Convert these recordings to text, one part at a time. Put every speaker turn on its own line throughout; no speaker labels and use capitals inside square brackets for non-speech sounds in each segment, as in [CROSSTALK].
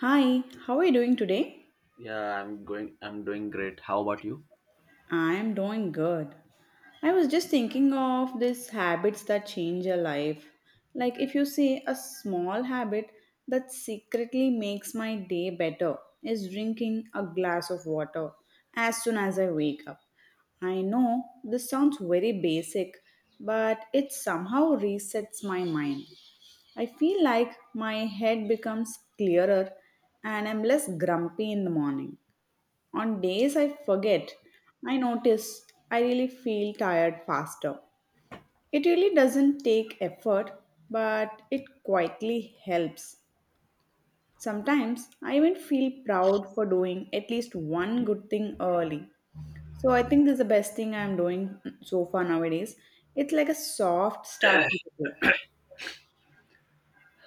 Hi, how are you doing today?
Yeah, I'm doing great. How about you?
I am doing good. I was just thinking of these habits that change your life. Like if you say a small habit that secretly makes my day better is drinking a glass of water as soon as I wake up. I know this sounds very basic, but it somehow resets my mind. I feel like my head becomes clearer and I'm less grumpy in the morning. On days I forget, I notice I really feel tired faster. It really doesn't take effort, but it quietly helps. Sometimes I even feel proud for doing at least one good thing early. So I think this is the best thing I'm doing so far nowadays. It's like a soft start to the day.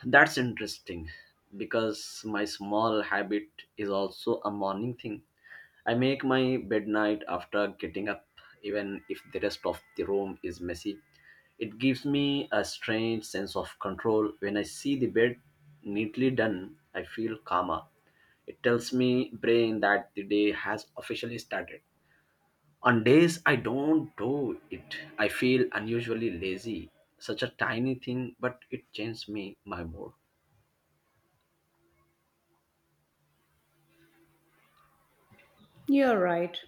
That's interesting because my small habit is also a morning thing. I make my bed night after getting up even if the rest of the room is messy. It gives me a strange sense of control when I see the bed neatly done. I feel calmer. It tells me brain that the day has officially started. On days I don't do it, I feel unusually lazy. Such a tiny thing, but it changes me my mood.
You're right.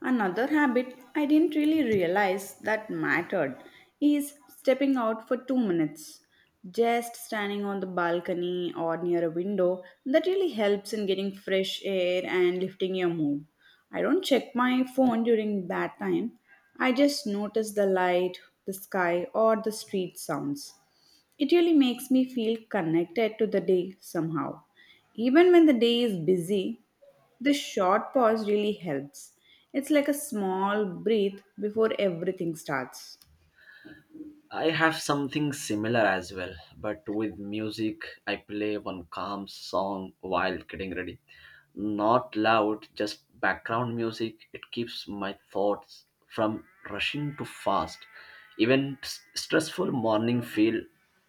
Another habit I didn't really realize that mattered is stepping out for 2 minutes. Just standing on the balcony or near a window that really helps in getting fresh air and lifting your mood. I don't check my phone during that time. I just notice the light, the sky, or the street sounds. It really makes me feel connected to the day somehow. Even when the day is busy, this short pause really helps. It's like a small breath before everything starts.
I have something similar as well, but with music, I play one calm song while getting ready. Not loud, just background music. It keeps my thoughts from rushing too fast. Even stressful morning feel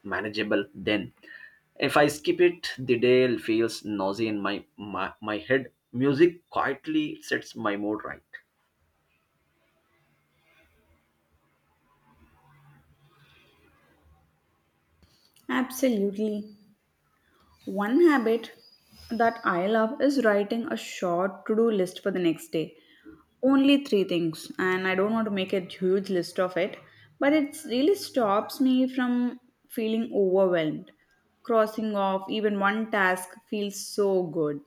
manageable then. If I skip it, the day feels noisy in my head. Music quietly sets my mood right.
Absolutely. One habit that I love is writing a short to do list for the next day. Only three things, and I don't want to make a huge list of it, but it really stops me from feeling overwhelmed. Crossing off even one task feels so good.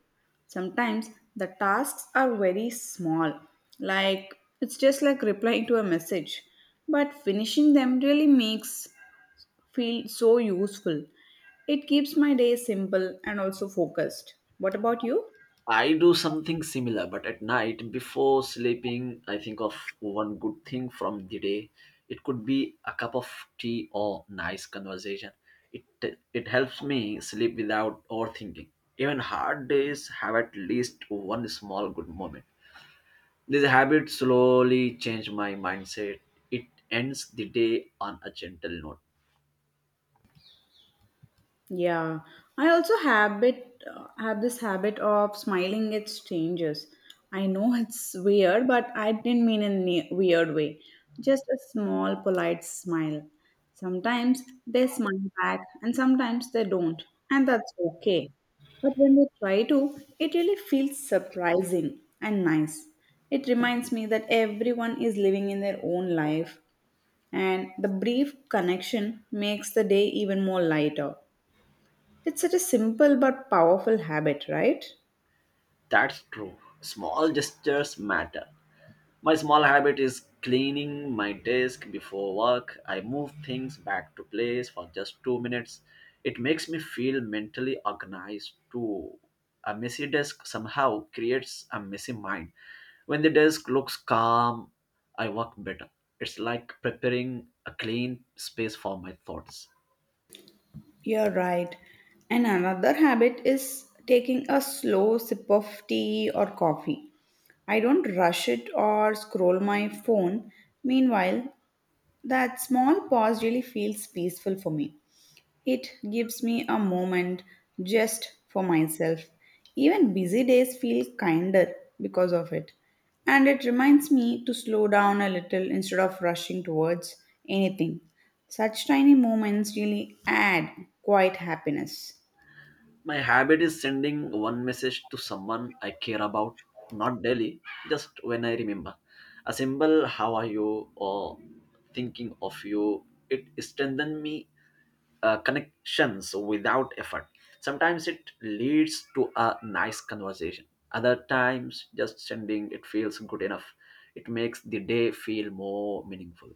Sometimes the tasks are very small, like it's just like replying to a message, but finishing them really makes feel so useful. It keeps my day simple and also focused. What about you?
I do something similar, but at night before sleeping, I think of one good thing from the day. It could be a cup of tea or nice conversation. It it helps me sleep without overthinking. Even hard days have at least one small good moment. This habit slowly changed my mindset. It ends the day on a gentle note.
Yeah, I also habit have this habit of smiling at strangers. I know it's weird, but I didn't mean in a weird way. Just a small, polite smile. Sometimes they smile back, and sometimes they don't, and that's okay. But when they try to, it really feels surprising and nice. It reminds me that everyone is living in their own life, and the brief connection makes the day even more lighter. It's such a simple but powerful habit, right?
That's true. Small gestures matter. My small habit is cleaning my desk before work. I move things back to place for just two minutes. It makes me feel mentally organized too. A messy desk somehow creates a messy mind. When the desk looks calm, I work better. It's like preparing a clean space for my thoughts.
You're right. And another habit is taking a slow sip of tea or coffee. I don't rush it or scroll my phone. Meanwhile, that small pause really feels peaceful for me. It gives me a moment just for myself. Even busy days feel kinder because of it. And it reminds me to slow down a little instead of rushing towards anything. Such tiny moments really add quite happiness.
My habit is sending one message to someone I care about, not daily, just when I remember. A simple "How are you?" or "Thinking of you." It strengthens me connections without effort. Sometimes it leads to a nice conversation. Other times, just sending it feels good enough. It makes the day feel more meaningful.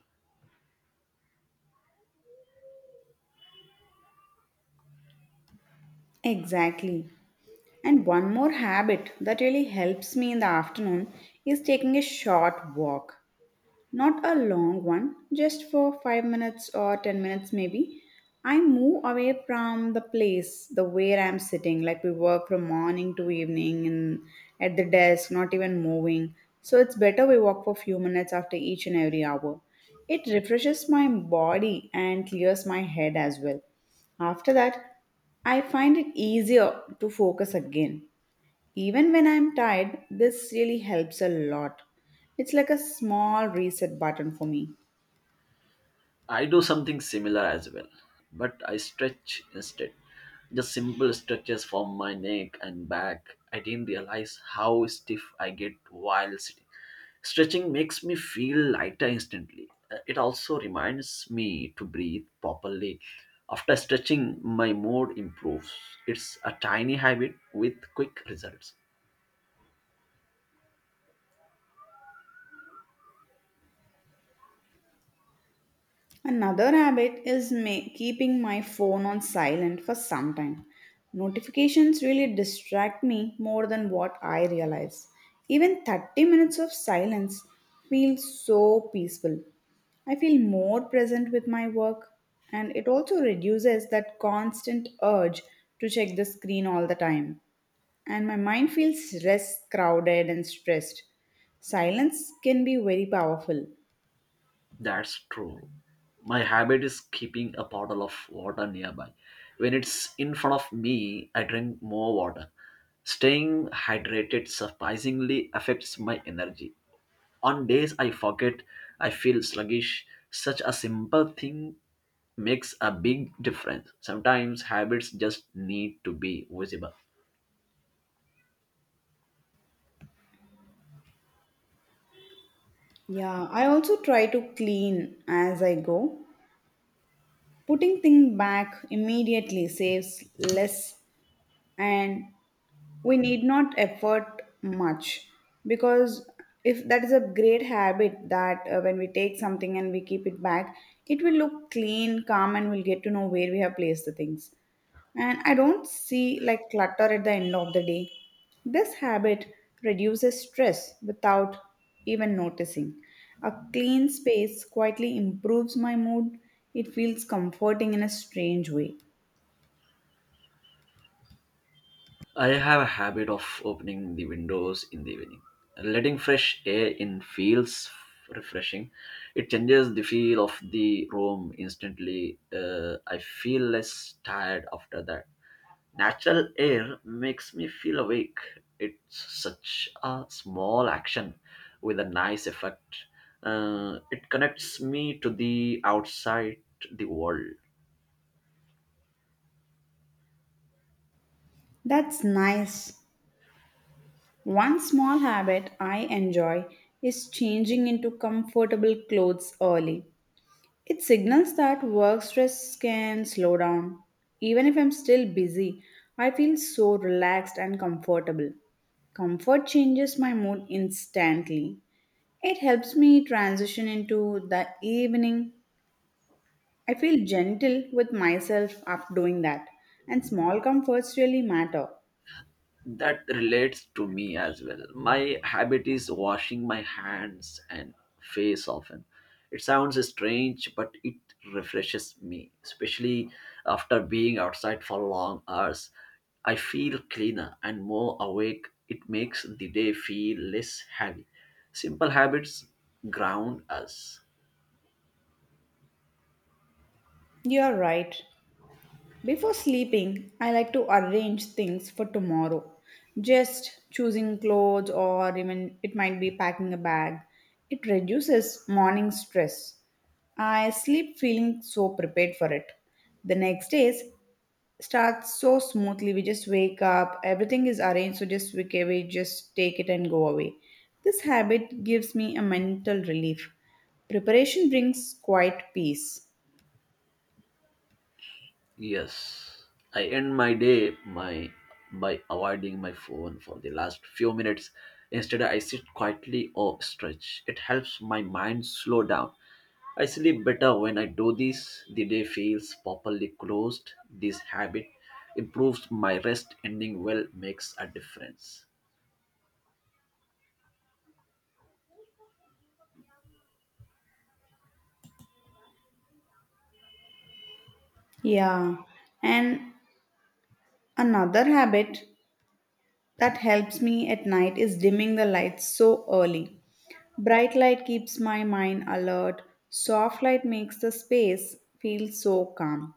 Exactly. And one more habit that really helps me in the afternoon is taking a short walk. Not a long one, just for 5 minutes or 10 minutes maybe. I move away from the place, the where I'm sitting, like we work from morning to evening and at the desk, not even moving. So it's better we walk for few minutes after each and every hour. It refreshes my body and clears my head as well. After that, I find it easier to focus again. Even when I'm tired, this really helps a lot. It's like a small reset button for me.
I do something similar as well, but I stretch instead. Just simple stretches for my neck and back. I didn't realize how stiff I get while sitting. Stretching makes me feel lighter instantly. It also reminds me to breathe properly. After stretching, my mood improves. It's a tiny habit with quick results.
Another habit is keeping my phone on silent for some time. Notifications really distract me more than what I realize. Even 30 minutes of silence feels so peaceful. I feel more present with my work, and it also reduces that constant urge to check the screen all the time, and my mind feels less crowded and stressed. Silence can be very powerful.
That's true. My habit is keeping a bottle of water nearby. When it's in front of me, I drink more water. Staying hydrated surprisingly affects my energy. On days I forget, I feel sluggish. Such a simple thing makes a big difference. Sometimes habits just need to be visible.
Yeah, I also try to clean as I go. Putting things back immediately saves less, and we need not effort much, because if that is a great habit that when we take something and we keep it back, it will look clean, calm, and we'll get to know where we have placed the things, and I don't see like clutter at the end of the day. This habit reduces stress without even noticing. A clean space quietly improves my mood. It feels comforting in a strange way.
I have a habit of opening the windows in the evening. Letting fresh air in feels refreshing. It changes the feel of the room instantly. I feel less tired after that. Natural air makes me feel awake. It's such a small action with a nice effect. It connects me to the outside the world.
That's nice. One small habit I enjoy is changing into comfortable clothes early. It signals that work stress can slow down. Even if I'm still busy, I feel so relaxed and comfortable. Comfort changes my mood instantly. It helps me transition into the evening. I feel gentle with myself after doing that, and small comforts really matter.
That relates to me as well. My habit is washing my hands and face often. It sounds strange, but it refreshes me, especially after being outside for long hours. I feel cleaner and more awake. It makes the day feel less heavy. Simple habits ground us.
You're right. Before sleeping, I like to arrange things for tomorrow. Just choosing clothes or even it might be packing a bag. It reduces morning stress. I sleep feeling so prepared for it. The next days starts so smoothly. We just wake up, everything is arranged, so just we, we just take it and go away. This habit gives me a mental relief. Preparation brings quiet peace.
Yes, I end my day my by avoiding my phone for the last few minutes. Instead, I sit quietly or stretch. It helps my mind slow down. I sleep better when I do this. The day feels properly closed. This habit improves my rest. Ending well makes a difference.
Yeah, and another habit that helps me at night is dimming the lights so early. Bright light keeps my mind alert, soft light makes the space feel so calm.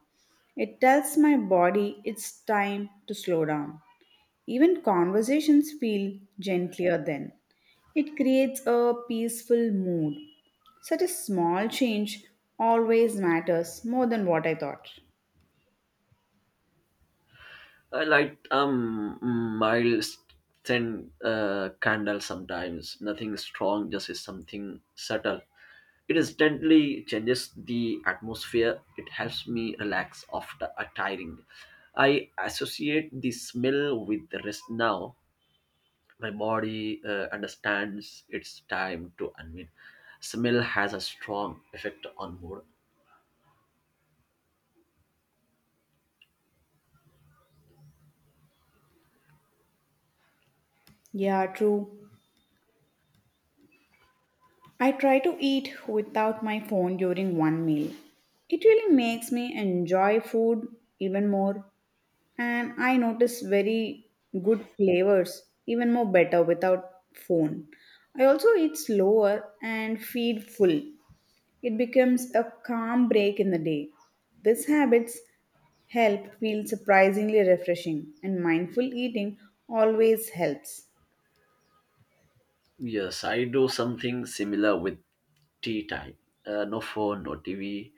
It tells my body it's time to slow down. Even conversations feel gentler then. It creates a peaceful mood. Such a small change always matters more than what I thought.
I light mild scent candle sometimes. Nothing strong, just is something subtle. It instantly changes the atmosphere. It helps me relax after a tiring. I associate the smell with the rest now. My body understands it's time to unwind. Smell has a strong effect on mood.
Yeah, true. I try to eat without my phone during one meal. It really makes me enjoy food even more, and I notice very good flavors even more better without phone. I also eat slower and feed full. It becomes a calm break in the day. These habits help feel surprisingly refreshing, and mindful eating always helps.
Yes, I do something similar with tea time. No phone, no TV,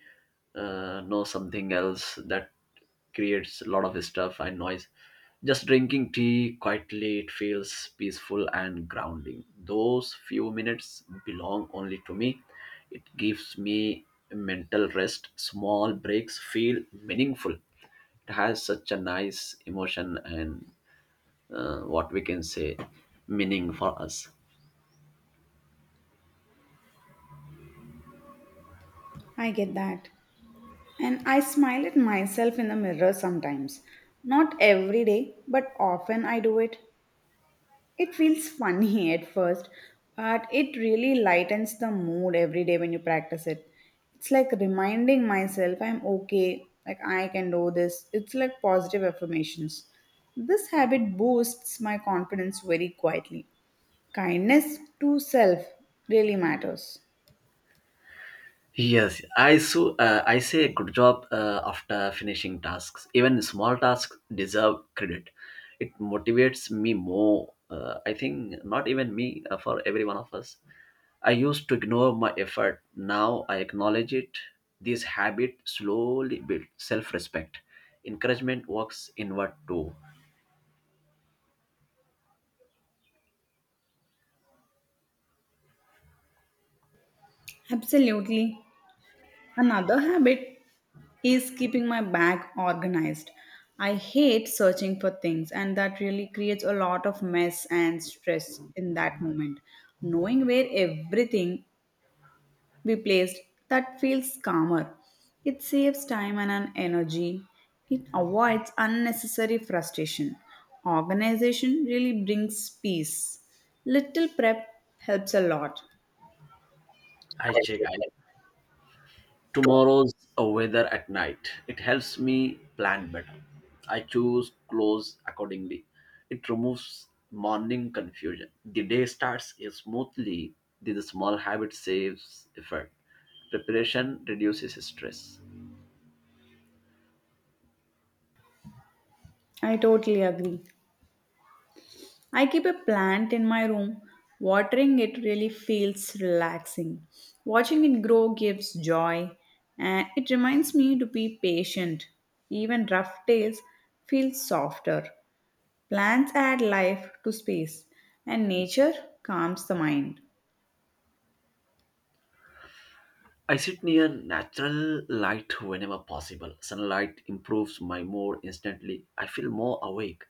no something else that creates a lot of stuff and noise. Just drinking tea quietly, it feels peaceful and grounding. Those few minutes belong only to me. It gives me mental rest. Small breaks feel meaningful. It has such a nice emotion and what we can say meaning for us.
I get that. And I smile at myself in the mirror sometimes. Not every day, but often I do it. It feels funny [LAUGHS] at first, but it really lightens the mood every day when you practice it. It's like reminding myself I'm okay, like I can do this. It's like positive affirmations. This habit boosts my confidence very quietly. Kindness to self really matters.
Yes, I say good job after finishing tasks. Even small tasks deserve credit. It motivates me more. I think not even me for every one of us. I used to ignore my effort. Now I acknowledge it. This habit slowly builds self-respect. Encouragement works inward too.
Absolutely. Another habit is keeping my bag organized. I hate searching for things, and that really creates a lot of mess and stress in that moment. Knowing where everything be placed, that feels calmer. It saves time and an energy. It avoids unnecessary frustration. Organization really brings peace. Little prep helps a lot.
I check. I. Tomorrow's weather at night. It helps me plan better. I choose clothes accordingly. It removes morning confusion. The day starts smoothly. The small habit saves effort. Preparation reduces stress.
I totally agree. I keep a plant in my room. Watering it really feels relaxing. Watching it grow gives joy, and it reminds me to be patient. Even rough days feel softer. Plants add life to space, and nature calms the mind.
I sit near natural light whenever possible. Sunlight improves my mood instantly. I feel more awake.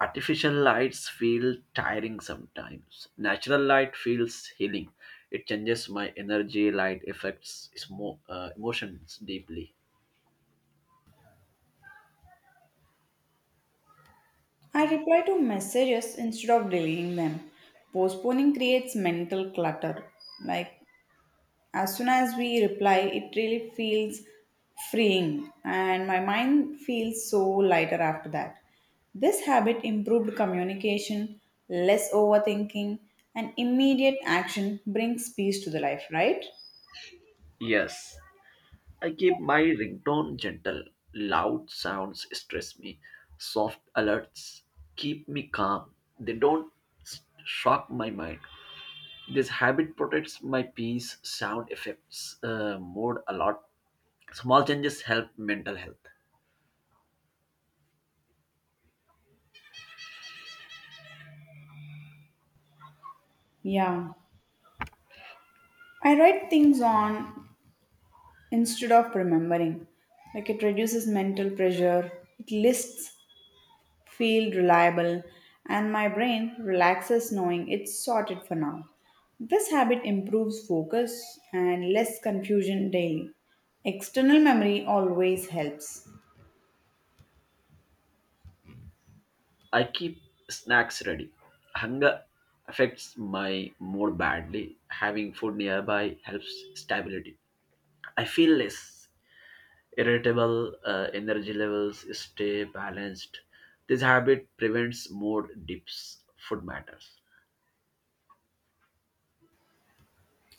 Artificial lights feel tiring sometimes. Natural light feels healing. It changes my energy. Light affects emotions deeply.
I reply to messages instead of deleting them. Postponing creates mental clutter. Like, as soon as we reply, it really feels freeing, and my mind feels so lighter after that. This habit improved communication, less overthinking, and immediate action brings peace to the life, right?
Yes, I keep my ringtone gentle. Loud sounds stress me. Soft alerts keep me calm. They don't shock my mind. This habit protects my peace. Sound affects mood a lot. Small changes help mental health.
Yeah. I write things on instead of remembering. Like, it reduces mental pressure, it lists feel reliable, and my brain relaxes knowing it's sorted for now. This habit improves focus and less confusion daily. External memory always helps.
I keep snacks ready. Hunger affects my mood badly. Having food nearby helps stability. I feel less irritable, energy levels stay balanced. This habit prevents mood dips. Food matters.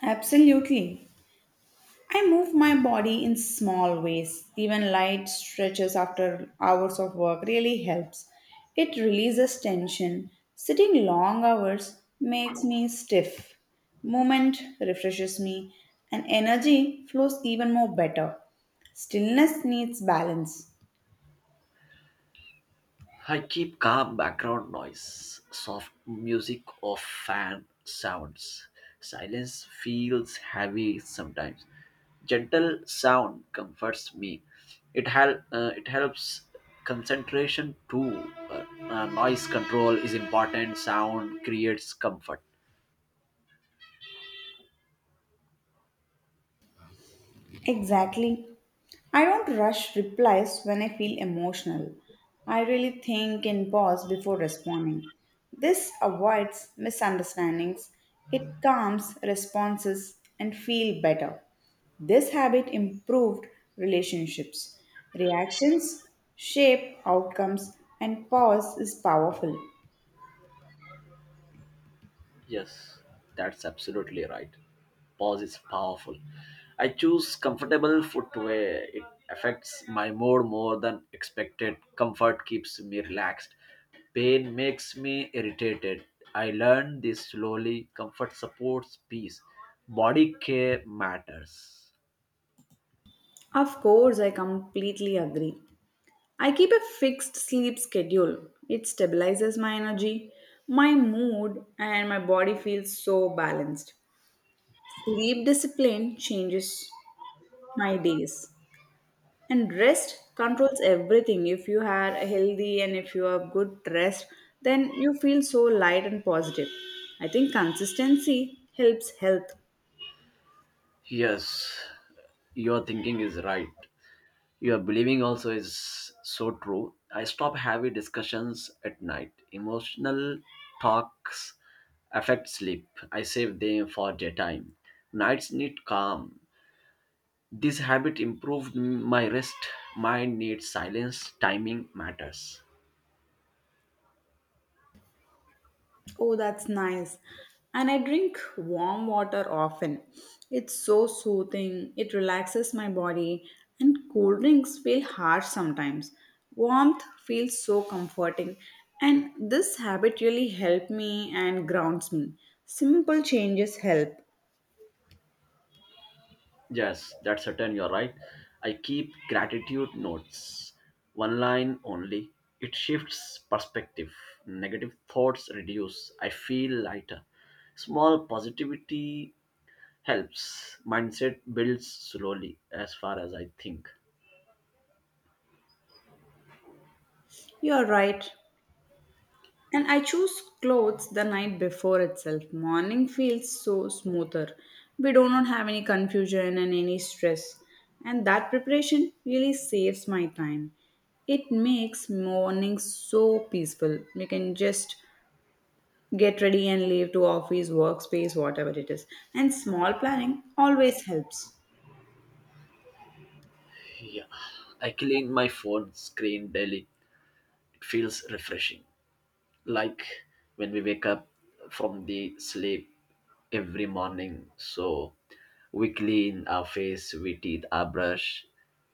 Absolutely. I move my body in small ways. Even light stretches after hours of work really helps. It releases tension. Sitting long hours makes me stiff. Movement refreshes me, and energy flows even more better. Stillness needs balance.
I keep calm background noise, soft music or fan sounds. Silence feels heavy sometimes. Gentle sound comforts me. It helps concentration too. Noise control is important. Sound creates comfort.
Exactly. I don't rush replies when I feel emotional. I really think and pause before responding. This avoids misunderstandings, it calms responses and feel better. This habit improved relationships. Reactions shape outcomes and pause is powerful.
Yes, that's absolutely right. Pause is powerful. I choose comfortable footwear. It affects my mood more than expected. Comfort keeps me relaxed. Pain makes me irritated. I learned this slowly. Comfort supports peace. Body care matters.
Of course, I completely agree. I keep a fixed sleep schedule. It stabilizes my energy, my mood, and my body feels so balanced. Sleep discipline changes my days. And rest controls everything. If you are healthy and if you have good rest, then you feel so light and positive. I think consistency helps health.
Yes, your thinking is right. Your believing also is so true. I stop heavy discussions at night. Emotional talks affect sleep. I save them for daytime. Nights need calm. This habit improved my rest. Mind needs silence. Timing matters.
Oh, that's nice. And I drink warm water often. It's so soothing, it relaxes my body, and cold drinks feel harsh sometimes. Warmth feels so comforting, and this habit really helped me and grounds me. Simple changes help.
Yes, that's certain. You're right. I keep gratitude notes, one line only. It shifts perspective. Negative thoughts reduce. I feel lighter. Small positivity helps. Mindset builds slowly, as far as I think.
You're right. And I choose clothes the night before itself. Morning feels so smoother. We do not have any confusion and any stress. And that preparation really saves my time. It makes mornings so peaceful. You can just get ready and leave to office, workspace, whatever it is. And small planning always helps.
Yeah, I clean my phone screen daily. It feels refreshing, like when we wake up from the sleep every morning. So we clean our face, we teeth, our brush.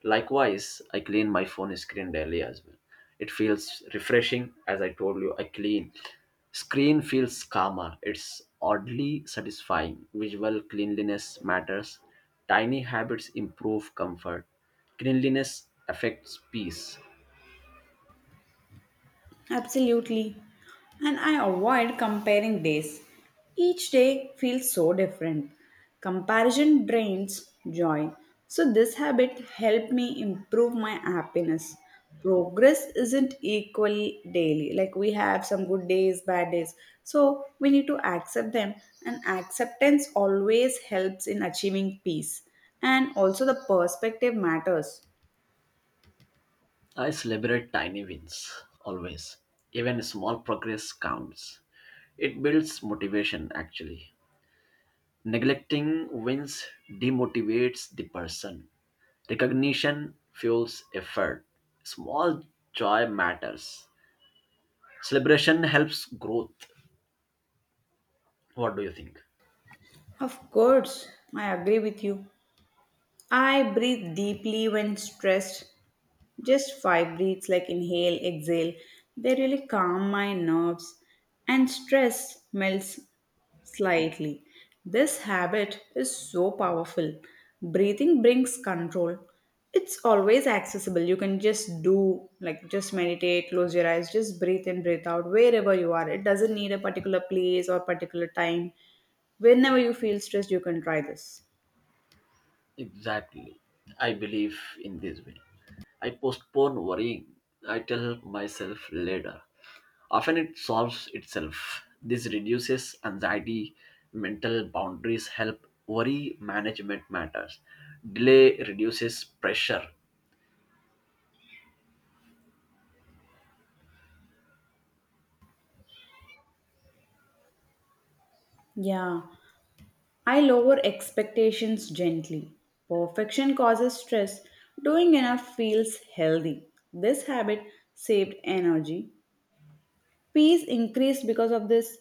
Likewise, I clean my phone screen daily as well. It feels refreshing, as I told you. I clean screen feels calmer. It's oddly satisfying. Visual cleanliness matters. Tiny habits improve comfort. Cleanliness affects peace.
Absolutely. And I avoid comparing days. Each day feels so different. Comparison drains joy. So, this habit helped me improve my happiness. Progress isn't equal daily. Like, we have some good days, bad days. So, we need to accept them. And acceptance always helps in achieving peace. And also, the perspective matters.
I celebrate tiny wins, always. Even small progress counts. It builds motivation, actually. Neglecting wins demotivates the person. Recognition fuels effort. Small joy matters. Celebration helps growth. What do you think?
Of course, I agree with you. I breathe deeply when stressed, just five breaths like inhale, exhale. They really calm my nerves and stress melts slightly. This habit is so powerful. Breathing brings control. It's always accessible. You can just do, like, just meditate, close your eyes, just breathe in, breathe out, wherever you are. It doesn't need a particular place or particular time. Whenever you feel stressed, you can try this.
Exactly. I believe in this way. I postpone worrying. I tell myself later. Often it solves itself. This reduces anxiety, mental boundaries help, worry management matters, delay reduces pressure.
Yeah. I lower expectations gently. Perfection causes stress. Doing enough feels healthy. This habit saved energy. Peace increased because of this.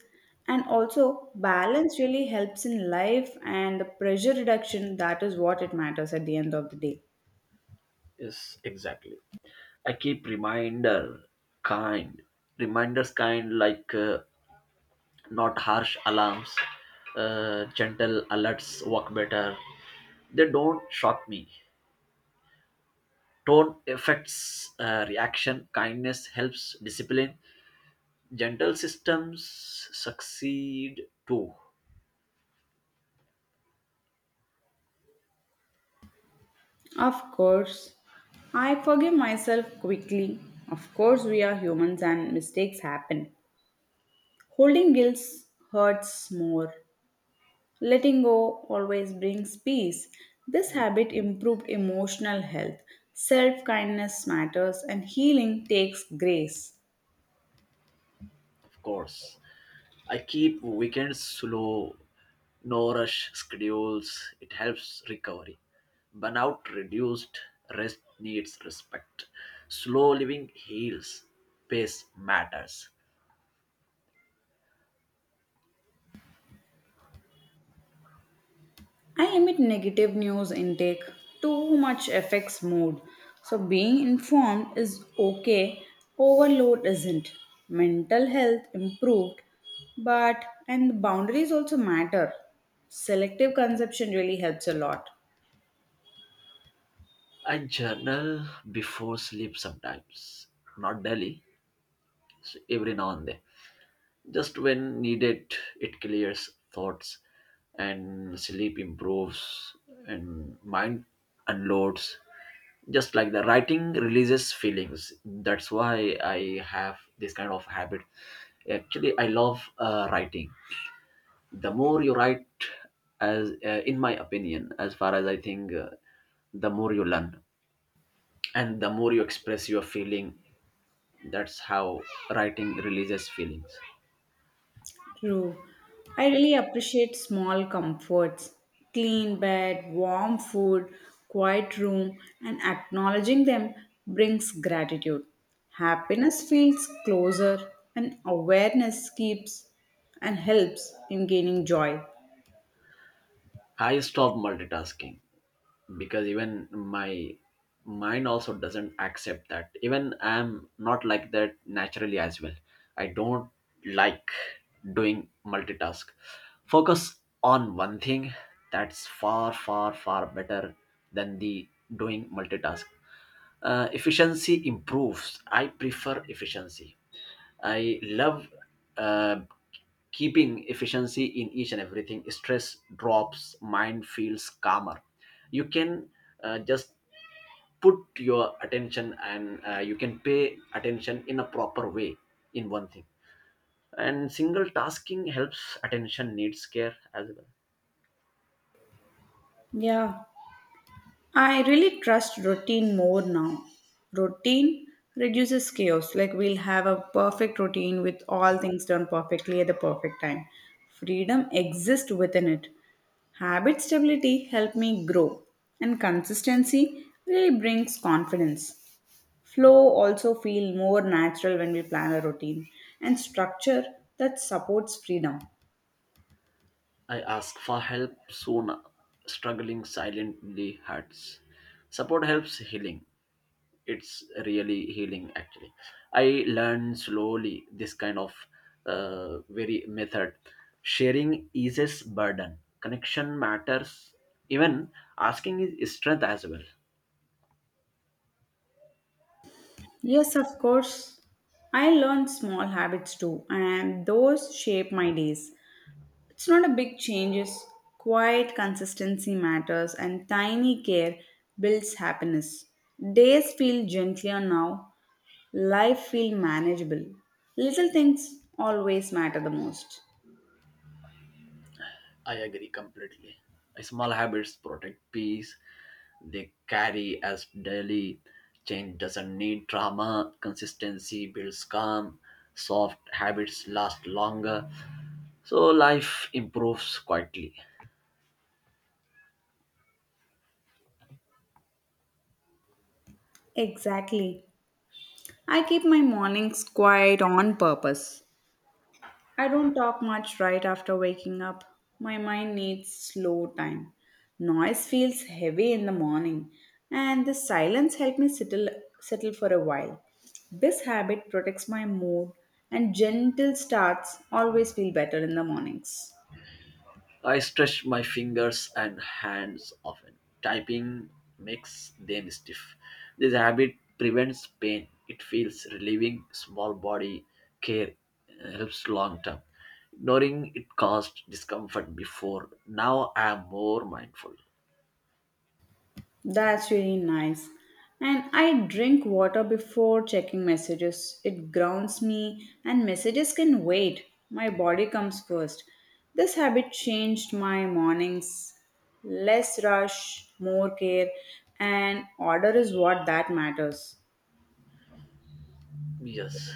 And also, balance really helps in life and the pressure reduction. That is what it matters at the end of the day.
Yes, exactly. I keep kind, reminders kind, like not harsh alarms, gentle alerts work better. They don't shock me. Tone affects reaction, kindness helps discipline. Dental systems succeed too,
Of course, I forgive myself quickly. Of course, we are humans and mistakes happen. Holding guilt hurts more. Letting go always brings peace. This habit improved emotional health. Self kindness matters and healing takes grace.
of course. I keep weekends slow, no rush schedules. It helps recovery. Burnout reduced, rest needs respect. Slow living heals, pace matters.
I limit negative news intake. Too much affects mood. So, being informed is okay, overload isn't. Mental health improved, but and boundaries also matter. Selective consumption really helps a lot.
I journal before sleep sometimes, not daily, so every now and then. Just when needed, it clears thoughts and sleep improves and mind unloads. Just like the writing releases feelings. That's why I have this kind of habit. Actually, I love writing. The more you write, as in my opinion, as far as I think, the more you learn and the more you express your feeling. That's how writing releases feelings.
True. I really appreciate small comforts, clean bed, warm food, quiet room, and acknowledging them brings gratitude. Happiness feels closer, and awareness keeps and helps in gaining joy.
I stop multitasking because even my mind also doesn't accept that. Even I'm not like that naturally as well. I don't like doing multitask. Focus on one thing, that's far better than the doing multitask. Efficiency improves. I prefer efficiency. I love uh, keeping efficiency in each and everything. Stress drops, mind feels calmer. You can just put your attention, and you can pay attention in a proper way in one thing. And single tasking helps attention needs care as well.
Yeah, I really trust routine more now. Routine reduces chaos. Like, we'll have a perfect routine with all things done perfectly at the perfect time. Freedom exists within it. Habit stability helped me grow, and consistency really brings confidence. Flow also feel more natural when we plan a routine, and structure that supports freedom.
I asked for help soon, struggling silently hurts. Support helps healing. It's really healing, actually. I learned slowly this kind of very method. Sharing eases burden. Connection matters. Even asking is strength as well.
Yes, of course. I learn small habits too, and those shape my days. It's not a big change, it's quiet consistency matters and tiny care builds happiness. Days feel gentler now, life feel manageable. Little things always matter the most.
I agree completely. Small habits protect peace. They carry as daily. Change doesn't need drama. Consistency builds calm. Soft habits last longer. So life improves quietly.
Exactly. I keep my mornings quiet on purpose. I don't talk much right after waking up. My mind needs slow time. Noise feels heavy in the morning, and the silence helps me settle for a while. This habit protects my mood, and gentle starts always feel better in the mornings.
I stretch my fingers and hands often. Typing makes them stiff. This habit prevents pain. It feels relieving. Small body care helps long term. Ignoring it caused discomfort before. Now I am more mindful.
That's really nice. And I drink water before checking messages. It grounds me, and messages can wait. My body comes first. This habit changed my mornings. Less rush, more care, and order is what that matters.
Yes.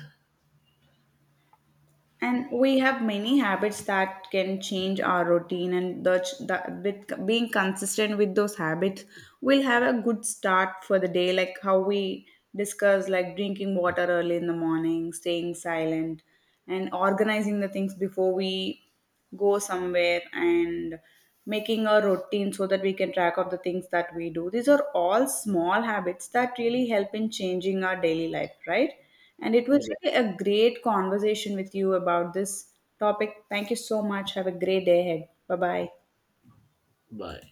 And we have many habits that can change our routine, and the with being consistent with those habits, we'll have a good start for the day, like how we discuss, like drinking water early in the morning, staying silent, and organizing the things before we go somewhere and making a routine so that we can track of the things that we do. These are all small habits that really help in changing our daily life, right? And it was
Yeah.
really a great conversation with you about this topic. Thank you so much, have a great day ahead. Bye bye.
Bye.